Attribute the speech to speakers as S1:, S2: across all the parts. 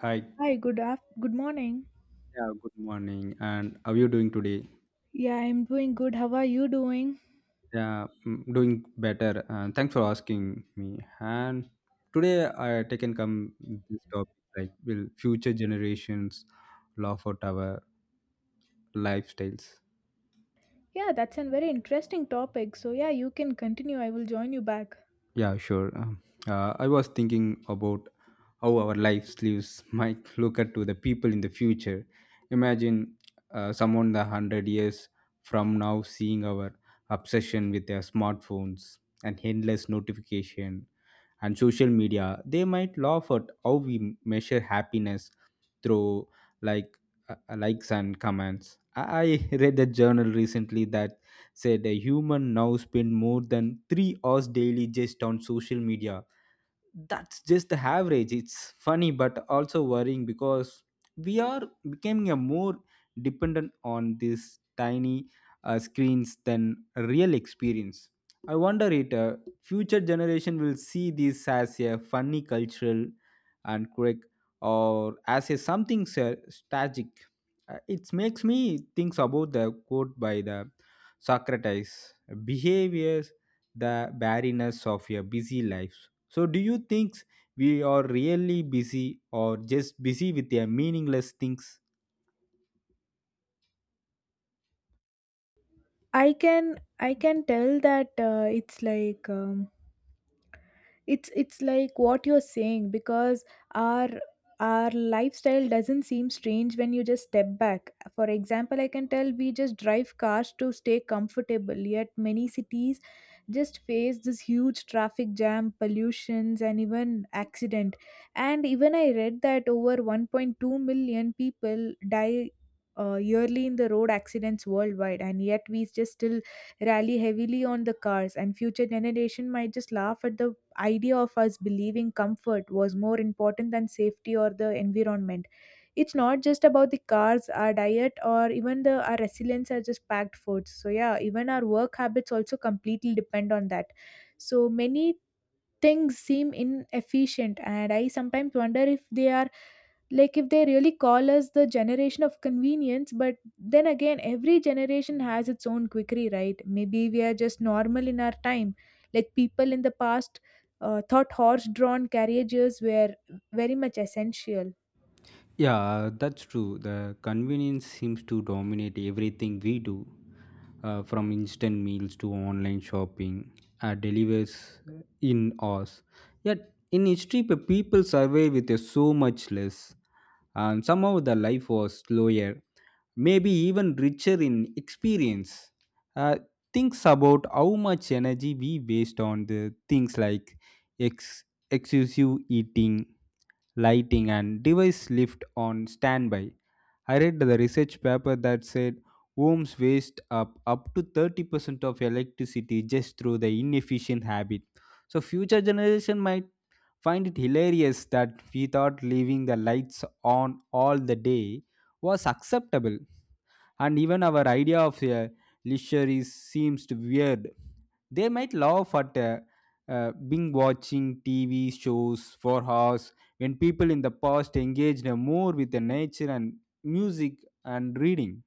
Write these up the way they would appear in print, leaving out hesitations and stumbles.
S1: Hi.
S2: Hi, good morning.
S1: Yeah, good morning. And how are you doing today?
S2: Yeah, I'm doing good. How are you doing?
S1: Yeah, doing better. And thanks for asking me. And today I taken come this topic, like will future generations laugh at our lifestyles.
S2: Yeah, that's a very interesting topic. So yeah, you can continue. I will join you back.
S1: Yeah, sure. I was thinking about how our lives might look at to the people in the future. Imagine someone the 100 years from now seeing our obsession with their smartphones and endless notification and social media. They might laugh at how we measure happiness through, like likes and comments. I read a journal recently that said a human now spend more than 3 hours daily just on social media. That's just the average. It's funny but also worrying, because we are becoming a more dependent on these tiny screens than a real experience. I wonder it future generation will see this as a funny cultural and quick, or as a static. It makes me think about the quote by the Socrates behavior, the barrenness of a busy life. So, do you think we are really busy or just busy with their meaningless things?
S2: I can I can tell that it's like it's like what you're saying, because our our lifestyle doesn't seem strange when you just step back. For example, I can tell we just drive cars to stay comfortable, yet many cities just face this huge traffic jam, pollutions, and even accident. And even I read that over 1.2 million people die yearly in the road accidents worldwide, and yet we just still rally heavily on the cars, and future generation might just laugh at the idea of us believing comfort was more important than safety or the environment. It's not just about the cars, our diet, or even the our resilience are just packed foods. So yeah, even our work habits also completely depend on that. So many things seem inefficient, and I sometimes wonder if they are, like, if they really call us the generation of convenience. But then again, every generation has its own quickery, right? Maybe we are just normal in our time, like people in the past thought horse drawn carriages were very much essential.
S1: Yeah, that's true. The convenience seems to dominate everything we do, from instant meals to online shopping, delivers in us. Yet in history, people survived with so much less, and somehow the life was slower, maybe even richer in experience. Uh, Thinks about how much energy we waste on the things like ex- excessive eating, lighting, and device left on standby. I read the research paper that said homes waste up to 30% of electricity just through the inefficient habit. So future generation might find it hilarious that we thought leaving the lights on all the day was acceptable, and even our idea of a leisure is seems to weird. They might laugh at being watching TV shows for hours, when people in the past engaged more with the nature and music and reading.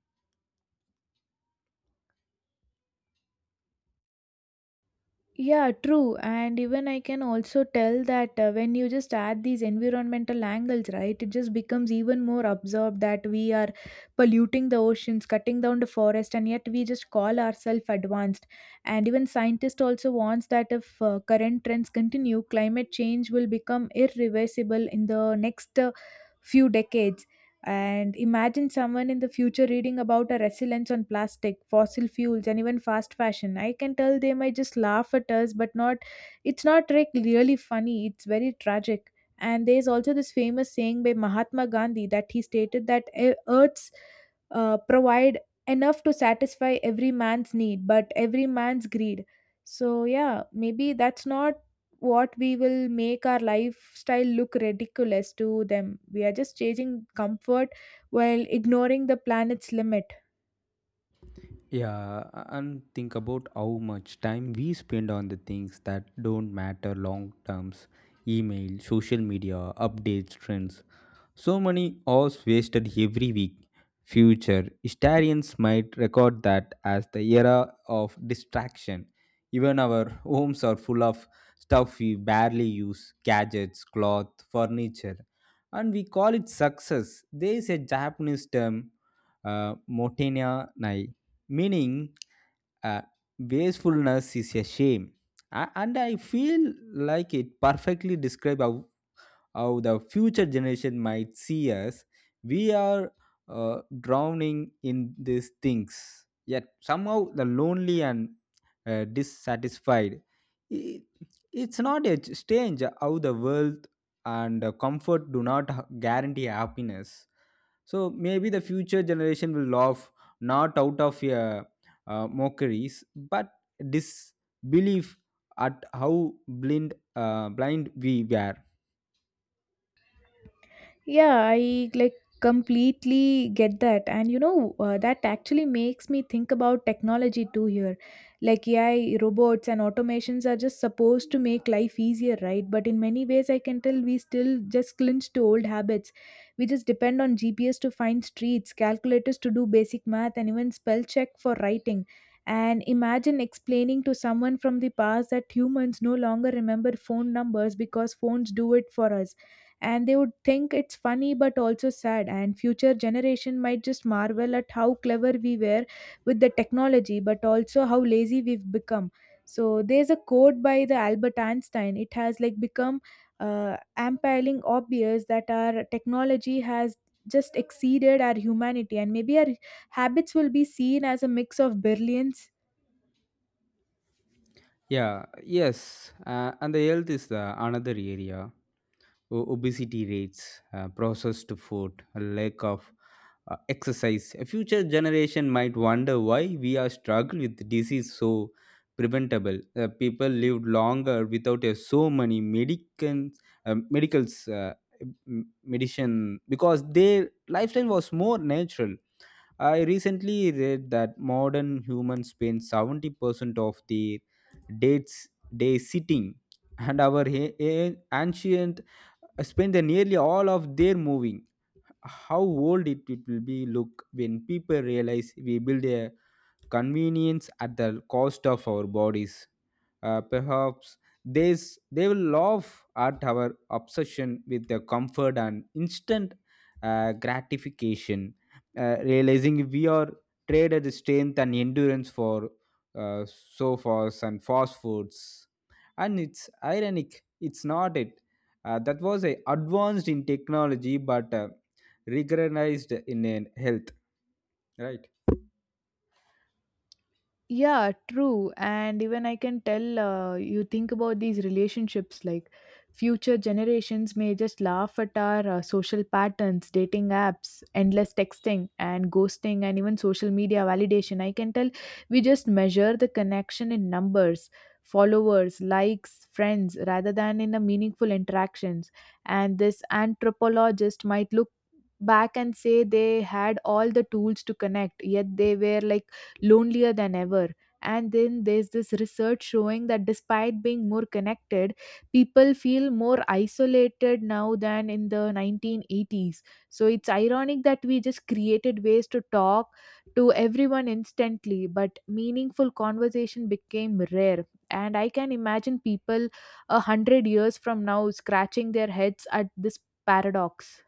S2: Yeah, true. And even I can also tell that when you just add these environmental angles, right, it just becomes even more absorbed that we are polluting the oceans, cutting down the forest, and yet we just call ourselves advanced. And even scientists also warns that if current trends continue, climate change will become irreversible in the next few decades. And imagine someone in the future reading about our resilience on plastic, fossil fuels, and even fast fashion. I can tell they might just laugh at us, but not. It's not like really funny. It's very tragic. And there's also this famous saying by Mahatma Gandhi that he stated that, Earth's provide enough to satisfy every man's need, but every man's greed." So yeah, maybe that's not what we will make our lifestyle look ridiculous to them. We are just chasing comfort while ignoring the planet's limit.
S1: Yeah, and think about how much time we spend on the things that don't matter long terms: email, social media, updates, trends. So many hours wasted every week. Future historians might record that as the era of distraction. Even our homes are full of stuff we barely use: gadgets, cloth, furniture, and we call it success. There is a Japanese term, Motenia, meaning uh, wastefulness is a shame. And I feel like it perfectly describes how the future generation might see us. We are drowning in these things, yet somehow the lonely and dissatisfied. I- It's not a strange how the wealth and the comfort do not guarantee happiness. So maybe the future generation will laugh not out of mockeries, but disbelief at how blind we were.
S2: Yeah, I, like, completely get that. And you know, that actually makes me think about technology too here. Like AI, robots, and automations are just supposed to make life easier, right? But in many ways, I can tell we still just clinch to old habits. We just depend on GPS to find streets, calculators to do basic math, and even spell check for writing. And imagine explaining to someone from the past that humans no longer remember phone numbers because phones do it for us, and they would think it's funny but also sad. And future generation might just marvel at how clever we were with the technology, but also how lazy we've become. So there's a quote by the Albert Einstein: it has like become ampiling obvious that our technology has just exceeded our humanity, and maybe our habits will be seen as a mix of brilliance.
S1: Yeah, yes. And the health is the another area. Obesity rates, processed food, a lack of exercise. A future generation might wonder why we are struggling with disease so preventable. People lived longer without so many uh, medicals, uh, medicine, because their lifestyle was more natural. I recently read that modern humans spend 70% of their dates day sitting, and our ancient spend the nearly all of their moving. How old it will be look when people realize we build a convenience at the cost of our bodies. Uh, perhaps they will laugh at our obsession with the comfort and instant gratification, realizing we are traded strength and endurance for sofas and fast foods. And it's ironic, it's not it. That was a advanced in technology but recognized in health, right?
S2: Yeah, true. And even I can tell you think about these relationships, like future generations may just laugh at our social patterns, dating apps, endless texting, and ghosting, and even social media validation. I can tell we just measure the connection in numbers, followers, likes, friends, rather than in the meaningful interactions. And this anthropologist might look back and say they had all the tools to connect, yet they were like lonelier than ever. And then there's this research showing that despite being more connected, people feel more isolated now than in the 1980s. So it's ironic that we just created ways to talk to everyone instantly, but meaningful conversation became rare. And I can imagine people 100 years from now scratching their heads at this paradox.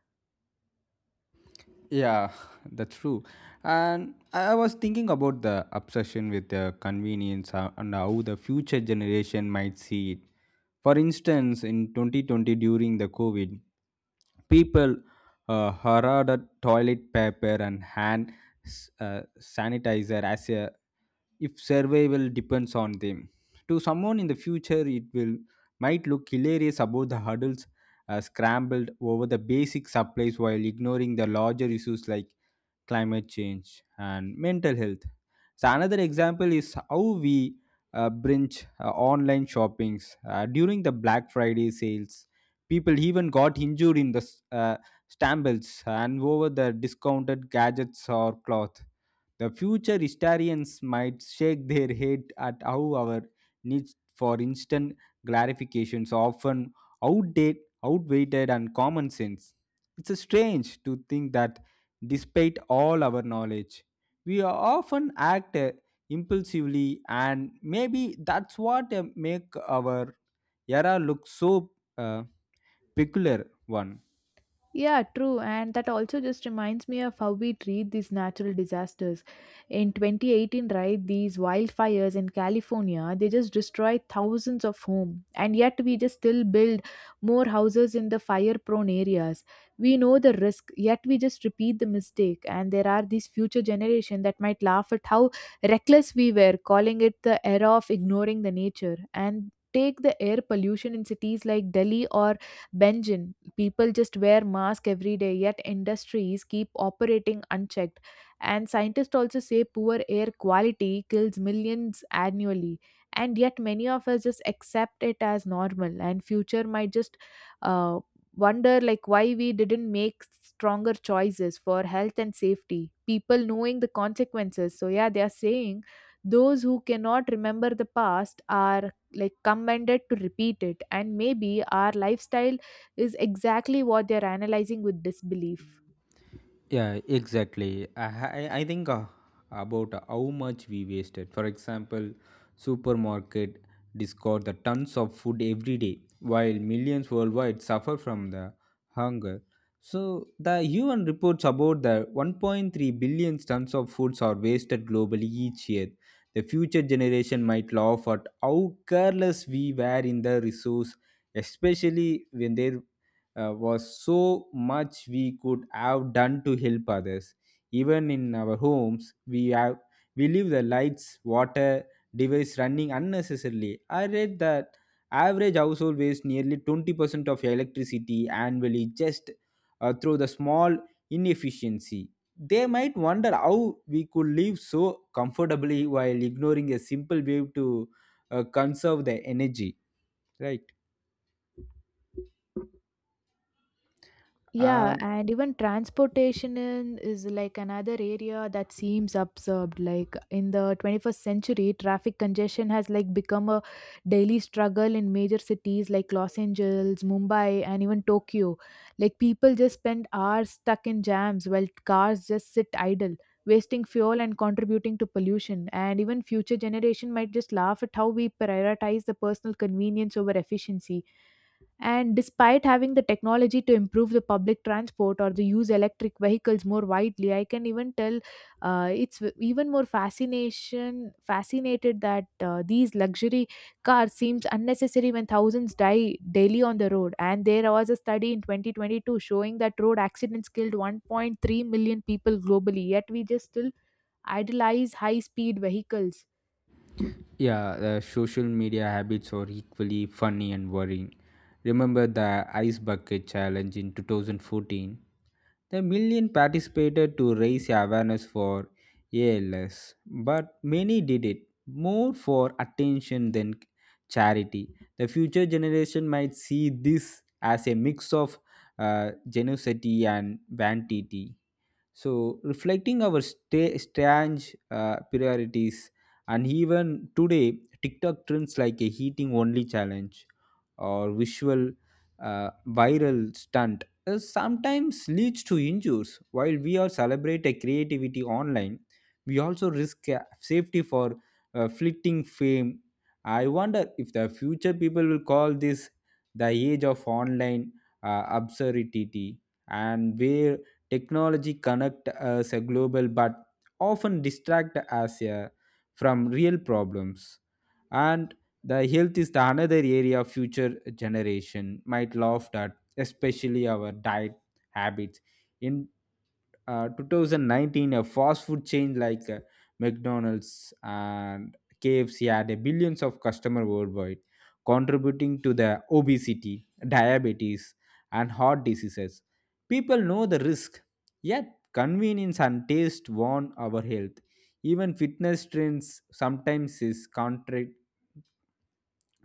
S1: Yeah, that's true. And I was thinking about the obsession with the convenience and how the future generation might see it. For instance, in 2020 during the COVID, people hoarded toilet paper and hand sanitizer as a if survival depends on them. To someone in the future, it will might look hilarious about the hurdles scrambled over the basic supplies while ignoring the larger issues like climate change, and mental health. So another example is how we bridge online shoppings during the Black Friday sales. People even got injured in the stumbles and over the discounted gadgets or cloth. The future historians might shake their head at how our needs for instant gratifications often outdate, outweighted, and common sense. It's a strange to think that despite all our knowledge, we often act impulsively, and maybe that's what make our era look so uh, peculiar one.
S2: Yeah, true. And that also just reminds me of how we treat these natural disasters. In 2018, right, these wildfires in California, they just destroyed thousands of homes. And yet we just still build more houses in the fire-prone areas. We know the risk, yet we just repeat the mistake. And there are these future generation that might laugh at how reckless we were, calling it the era of ignoring the nature. And take the air pollution in cities like Delhi or Benjin. People just wear masks every day, yet industries keep operating unchecked. And scientists also say poor air quality kills millions annually, and yet many of us just accept it as normal. And future might just uh, wonder, like, why we didn't make stronger choices for health and safety people knowing the consequences. So yeah, they are saying those who cannot remember the past are like commanded to repeat it. And maybe our lifestyle is exactly what they're analyzing with disbelief.
S1: Yeah, exactly. I think about how much we wasted. For example, supermarket discard the tons of food every day, while millions worldwide suffer from the hunger. So the UN reports about the 1.3 billion tons of foods are wasted globally each year. The future generation might laugh at how careless we were in the resource, especially when they was so much we could have done to help others. Even in our homes, we leave the lights, water, device running unnecessarily. I read that average household wastes nearly 20% of electricity annually just through the small inefficiency. They might wonder how we could live so comfortably while ignoring a simple way to conserve the energy, right?
S2: Yeah, and even transportation is like another area that seems absurd. Like in the 21st century, traffic congestion has like become a daily struggle in major cities like Los Angeles, Mumbai, and even Tokyo. Like people just spend hours stuck in jams while cars just sit idle, wasting fuel and contributing to pollution. And even future generation might just laugh at how we prioritize the personal convenience over efficiency. And despite having the technology to improve the public transport or the use electric vehicles more widely, I can even tell it's even more fascination fascinated that these luxury cars seems unnecessary when thousands die daily on the road. And there was a study in 2022 showing that road accidents killed 1.3 million people globally. Yet we just still idolize high speed vehicles.
S1: Yeah, the social media habits are equally funny and worrying. Remember the ice bucket challenge in 2014? The million participated to raise awareness for ALS, but many did it more for attention than charity. The future generation might see this as a mix of generosity and vanity. So, reflecting our sta strange priorities, and even today, TikTok trends like a heating only challenge or visual viral stunt sometimes leads to injuries. While we are celebrate a creativity online, we also risk safety for fleeting fame. I wonder if the future people will call this the age of online absurdity, and where technology connect us a global but often distract us from real problems. And the health is the another area future generation might laugh at, especially our diet habits. In 2019 a fast food chain like McDonald's and KFC had a billions of customer worldwide, contributing to the obesity, diabetes, and heart diseases. People know the risk, yet convenience and taste warn our health. Even fitness trends sometimes is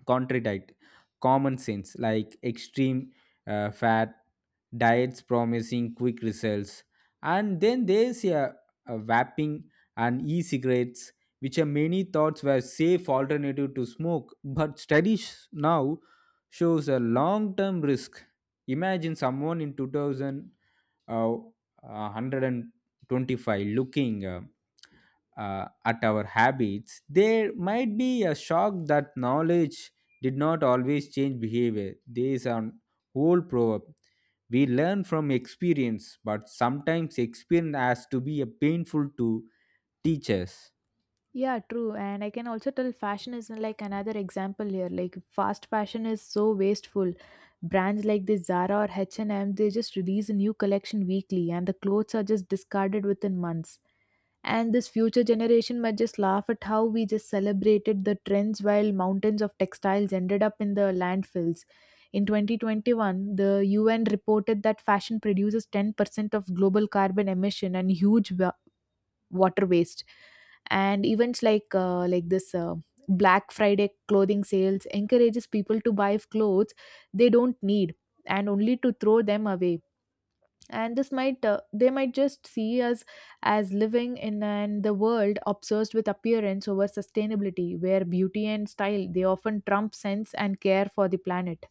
S1: contradict common sense, like extreme fat diets promising quick results. And then there's a vaping and e-cigarettes, which are many thoughts were safe alternative to smoke, but studies now shows a long-term risk. Imagine someone in 2000 uh, 125 looking at our habits, there might be a shock that knowledge did not always change behavior. There is an old proverb. We learn from experience, but sometimes experience has to be a painful to teach us.
S2: Yeah, true. And I can also tell fashion is like another example here. Like fast fashion is so wasteful. Brands like the Zara or H&M, they just release a new collection weekly and the clothes are just discarded within months. And this future generation might just laugh at how we just celebrated the trends while mountains of textiles ended up in the landfills. In 2021, the UN reported that fashion produces 10% of global carbon emission and huge water waste. And events like this Black Friday clothing sales encourages people to buy clothes they don't need and only to throw them away. And this might, they might just see us as living in an the world obsessed with appearance over sustainability, where beauty and style they often trump sense and care for the planet.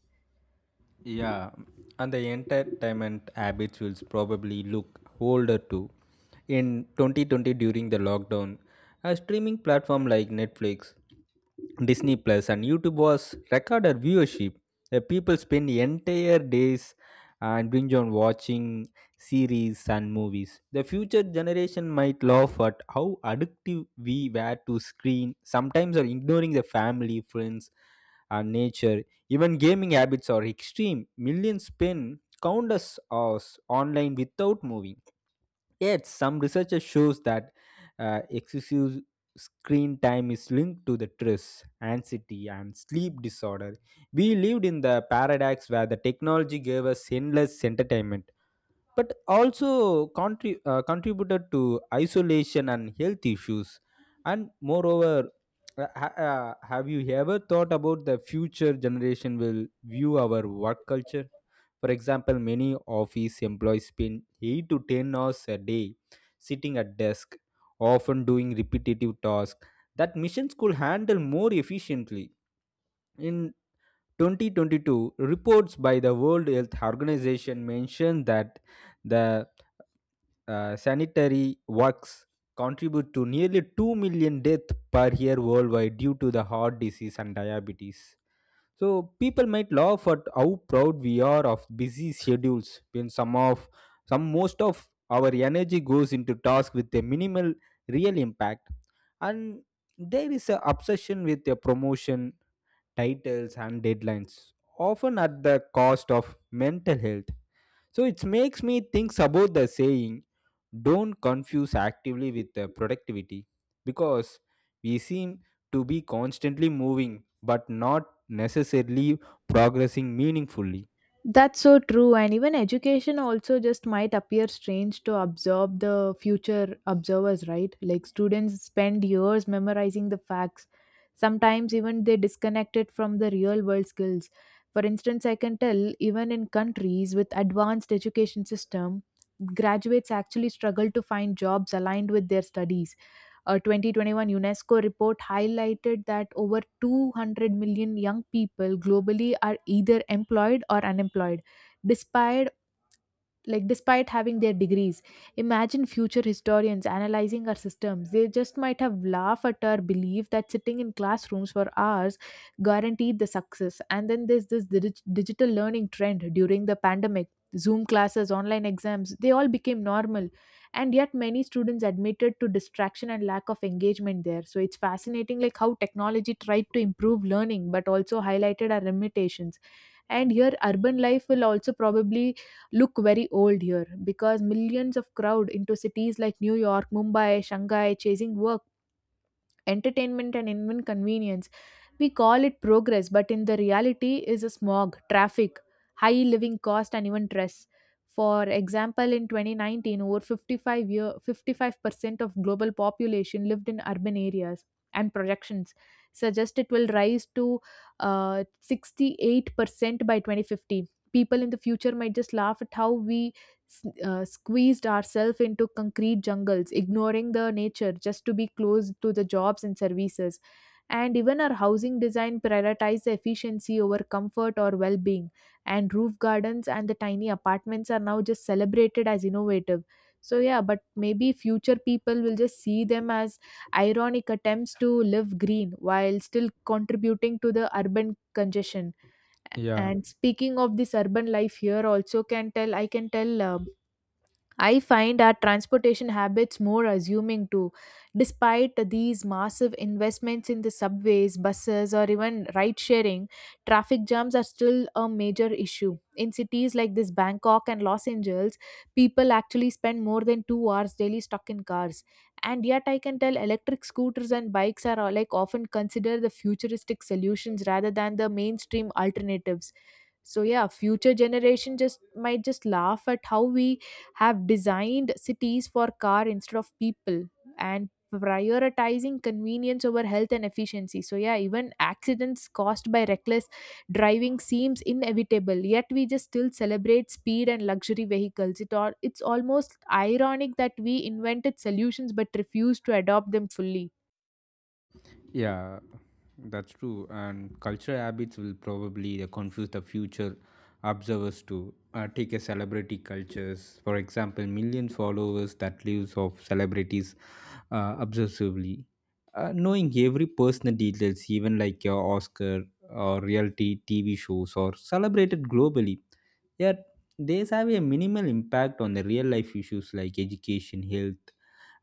S1: Yeah, and the entertainment habits will probably look older too. In 2020, during the lockdown, a streaming platform like Netflix, Disney Plus, and YouTube was recorded viewership. The people spend entire days and binge on watching series and movies. The future generation might laugh at how addictive we were to screen, sometimes are ignoring the family, friends, and nature. Even gaming habits are extreme. Millions spend countless hours online without moving. Yet, some research shows that excessive screen time is linked to the stress, anxiety, and sleep disorder. We lived in the paradox where the technology gave us endless entertainment but also contributed to isolation and health issues. And moreover, have you ever thought about the future generation will view our work culture? For example, many office employees spend 8 to 10 hours a day sitting at desk, often doing repetitive tasks that missions could handle more efficiently. In 2022, reports by the World Health Organization mentioned that the sanitary works contribute to nearly 2 million deaths per year worldwide due to the heart disease and diabetes. So people might laugh at how proud we are of busy schedules, when some most of our energy goes into tasks with a minimal real impact. And there is an obsession with a promotion, titles and deadlines, often at the cost of mental health. So it makes me think about the saying, don't confuse actively with productivity, because we seem to be constantly moving but not necessarily progressing meaningfully.
S2: That's so true, and even education also just might appear strange to absorb the future observers, right? Like students spend years memorizing the facts. Sometimes even they disconnect it from the real world skills. For instance, I can tell even in countries with advanced education system, graduates actually struggle to find jobs aligned with their studies. A 2021 UNESCO report highlighted that over 200 million young people globally are either employed or unemployed, despite despite having their degrees. Imagine future historians analyzing our systems. They just might have laughed at our belief that sitting in classrooms for hours guaranteed the success. And then there's this digital learning trend during the pandemic. Zoom classes, online exams, they all became normal. And yet many students admitted to distraction and lack of engagement there. So it's fascinating, like how technology tried to improve learning but also highlighted our limitations. And here urban life will also probably look very old here, because millions of crowd into cities like New York, Mumbai, Shanghai chasing work, entertainment, and even convenience. We call it progress, but in the reality is a smog, traffic, high living cost and even stress. For example, in 2019, over 55 year, 55% of global population lived in urban areas, and projections suggest it will rise to 68% by 2050. People in the future might just laugh at how we s- squeezed ourselves into concrete jungles, ignoring the nature just to be close to the jobs and services. And even our housing design prioritized efficiency over comfort or well being. And roof gardens and the tiny apartments are now just celebrated as innovative. So, yeah, but maybe future people will just see them as ironic attempts to live green while still contributing to the urban congestion.
S1: Yeah.
S2: And speaking of this urban life here, also can tell I find our transportation habits more assuming too. Despite these massive investments in the subways, buses, or even ride sharing, traffic jams are still a major issue. In cities like this Bangkok and Los Angeles, people actually spend more than 2 hours daily stuck in cars. And yet, I can tell electric scooters and bikes are like often considered the futuristic solutions rather than the mainstream alternatives. So yeah, future generation just might just laugh at how we have designed cities for car instead of people, and prioritizing convenience over health and efficiency. So yeah, even accidents caused by reckless driving seems inevitable, yet we just still celebrate speed and luxury vehicles. It's almost ironic that we invented solutions but refused to adopt them fully.
S1: Yeah, that's true. And cultural habits will probably confuse the future observers too. Take a celebrity cultures, for example, million followers that lives of celebrities obsessively. Knowing every personal details, even like your Oscar or reality TV shows or celebrated globally. Yet, these have a minimal impact on the real life issues like education, health,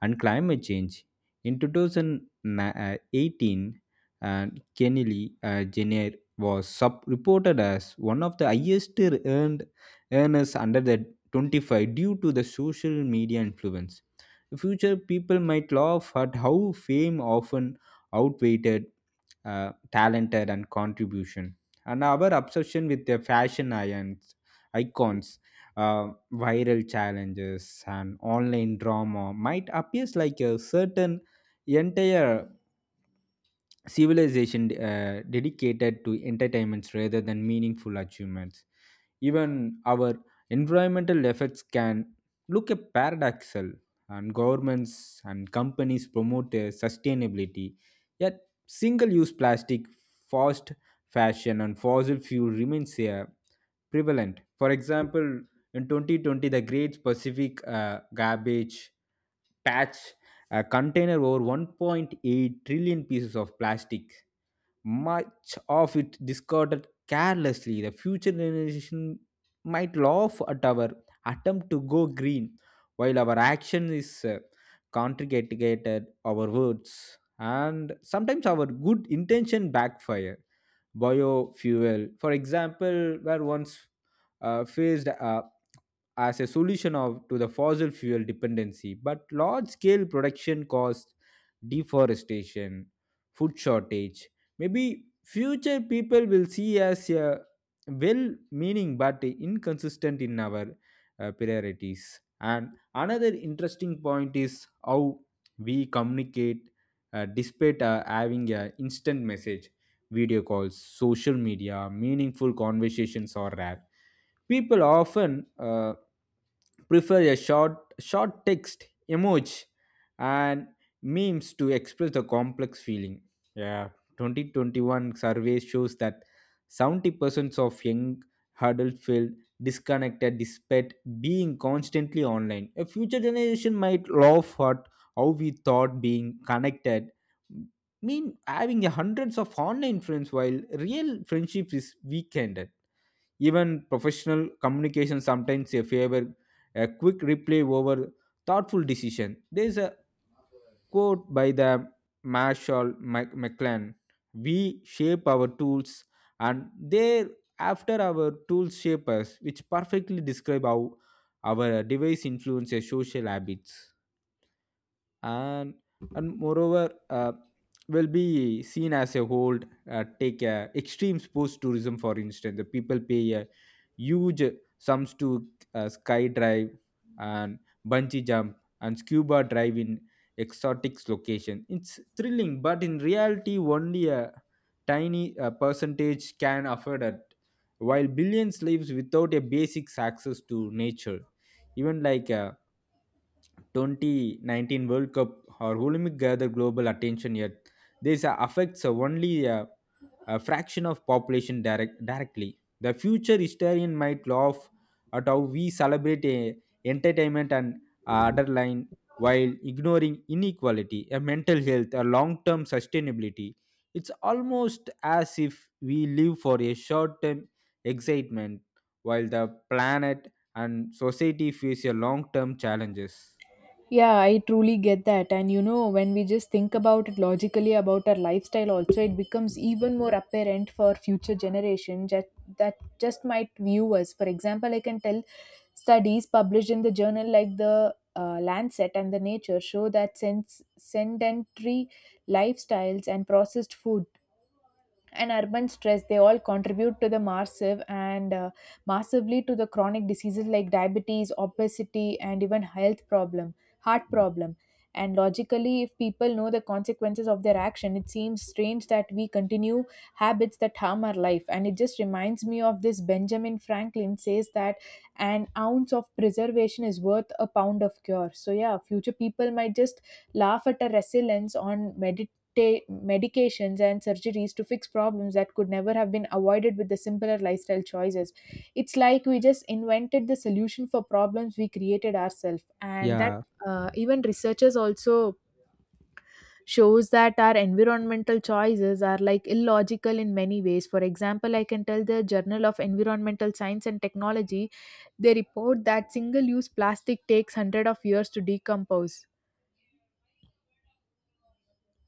S1: and climate change. In 2018, uh, Kennedy Jenner was reported as one of the highest earned earners under the 25 due to the social media influence. In future people might laugh at how fame often outweighed talented and contribution, and our obsession with the icons, viral challenges and online drama might appear like a certain entire civilization dedicated to entertainments rather than meaningful achievements. Even our environmental efforts can look a paradoxal, and governments and companies promote sustainability. Yet, single-use plastic, fast fashion, and fossil fuel remains prevalent. For example, in 2020, the Great Pacific Garbage Patch contained over 1.8 trillion pieces of plastic, much of it discarded carelessly. The future generation might laugh at our attempt to go green, while our action is contradicted our words. And sometimes our good intention backfire. Biofuel, for example, were once faced as a to the fossil fuel dependency, but large scale production costs, deforestation, food shortage. Maybe future people will see as a well meaning but inconsistent in our priorities. And another interesting point is how we communicate, despite having a instant message, video calls, social media, meaningful conversations are rare. People often prefer a short text, emoji, and memes to express the complex feeling. Yeah, 2021 survey shows that 70% of young adults feel disconnected despite being constantly online. A future generation might laugh at how we thought being connected mean having a hundreds of online friends while real friendship is weakened. Even professional communication sometimes a favor a quick replay over thoughtful decision. There is a quote by the Marshall McLuhan: "We shape our tools, and thereafter our tools shape us," which perfectly describe how our device influences social habits. And and moreover, will be seen as a whole. Take extreme sports tourism, for instance. The people pay huge sums to sky drive and bungee jump and scuba dive in exotic location. It's thrilling, but in reality only a tiny percentage can afford it, while billions lives without a basic access to nature. Even like, 2019 World Cup or Olympic gather global attention, yet this affects only a fraction of population directly. The future historian might laugh at how we celebrate entertainment and underline, while ignoring inequality, a mental health, a long-term sustainability. It's almost as if we live for a short-term excitement, while the planet and society face a long-term challenges.
S2: Yeah, I truly get that. And you know, when we just think about it logically about our lifestyle, also, it becomes even more apparent for future generations that, just might view us. For example, I can tell studies published in the journal like the Lancet and the Nature show that sedentary lifestyles and processed food and urban stress, they all contribute to the massive and massively to the chronic diseases like diabetes, obesity, and even health problem, heart problem. And logically, if people know the consequences of their action, it seems strange that we continue habits that harm our life. And it just reminds me of this Benjamin Franklin says that an ounce of preservation is worth a pound of cure. So yeah, future people might just laugh at a resilience on ta- medications and surgeries to fix problems that could never have been avoided with the simpler lifestyle choices. It's like we just invented the solution for problems we created ourselves, and that,
S1: Yeah,
S2: even researchers also shows that our environmental choices are like illogical in many ways. For example, I can tell the journal of environmental science and technology, they report that single use plastic takes 100 of years to decompose.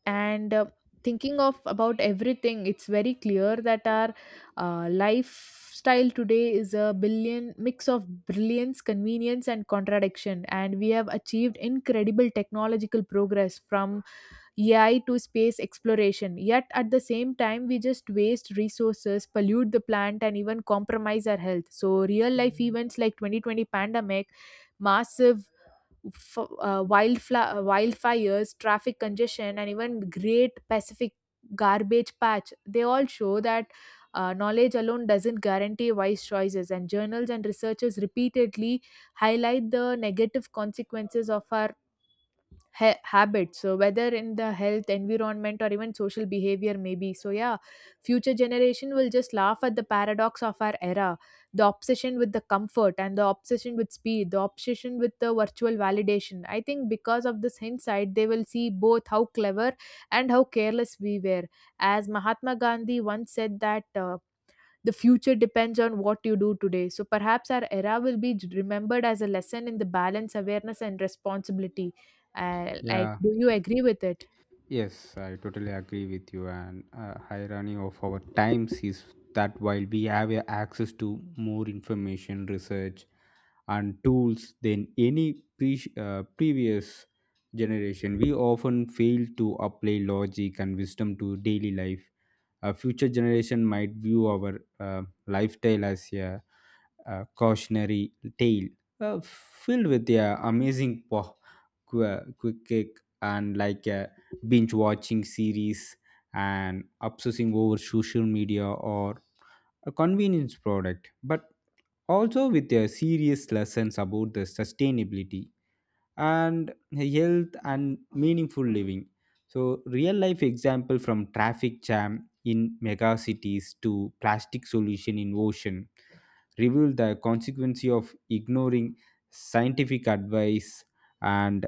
S2: And thinking of about everything, it's very clear that our lifestyle today is a billion mix of brilliance, convenience, and contradiction. And we have achieved incredible technological progress from AI to space exploration, yet at the same time we just waste resources, pollute the planet, and even compromise our health. So real life events like 2020 pandemic, massive wildfires, traffic congestion, and even Great Pacific Garbage Patch, they all show that knowledge alone doesn't guarantee wise choices. And journals and researchers repeatedly highlight the negative consequences of our habits. So whether in the health environment or even social behavior, maybe, so yeah, future generation will just laugh at the paradox of our era: the obsession with the comfort and the obsession with speed, the obsession with the virtual validation. I think because of this hindsight, they will see both how clever and how careless we were. As Mahatma Gandhi once said that the future depends on what you do today. So perhaps our era will be remembered as a lesson in the balance, awareness, and responsibility. Like,
S1: yeah,
S2: do you agree with it?
S1: yes, I totally agree with you. And irony of our times is that while we have access to more information, research, and tools than any previous generation, we often fail to apply logic and wisdom to daily life. A future generation might view our lifestyle as cautionary tale, filled with a amazing quick kick and like a binge watching series and obsessing over social media or a convenience product, but also with a serious lessons about the sustainability and health and meaningful living. So, real life example from traffic jam in mega cities to plastic solution in ocean reveal the consequence of ignoring scientific advice and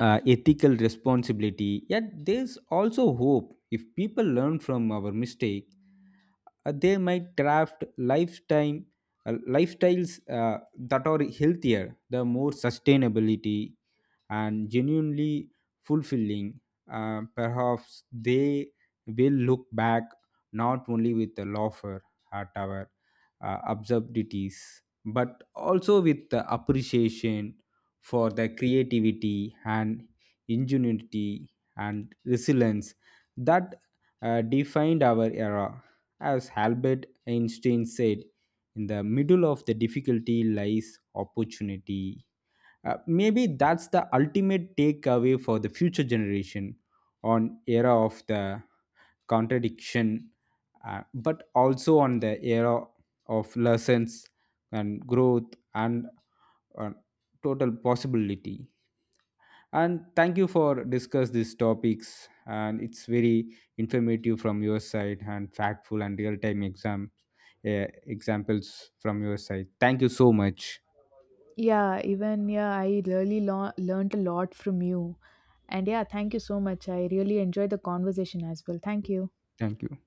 S1: ethical responsibility. Yet, there's also hope. If people learn from our mistake, they might craft lifetime lifestyles that are healthier, the more sustainability and genuinely fulfilling. Perhaps they will look back not only with the laughter at our absurdities, but also with the appreciation for the creativity and ingenuity and resilience that defined our era. As Albert Einstein said, in the middle of the difficulty lies opportunity. Maybe that's the ultimate takeaway for the future generation on era of the contradiction, but also on the era of lessons and growth and uh, total possibility. And thank you for discuss these topics, and it's very informative from your side and factful and real time examples from your side. Thank you so much.
S2: Yeah, even yeah, I really learned a lot from you. And yeah, thank you so much. I really enjoyed the conversation as well. Thank you.
S1: Thank you.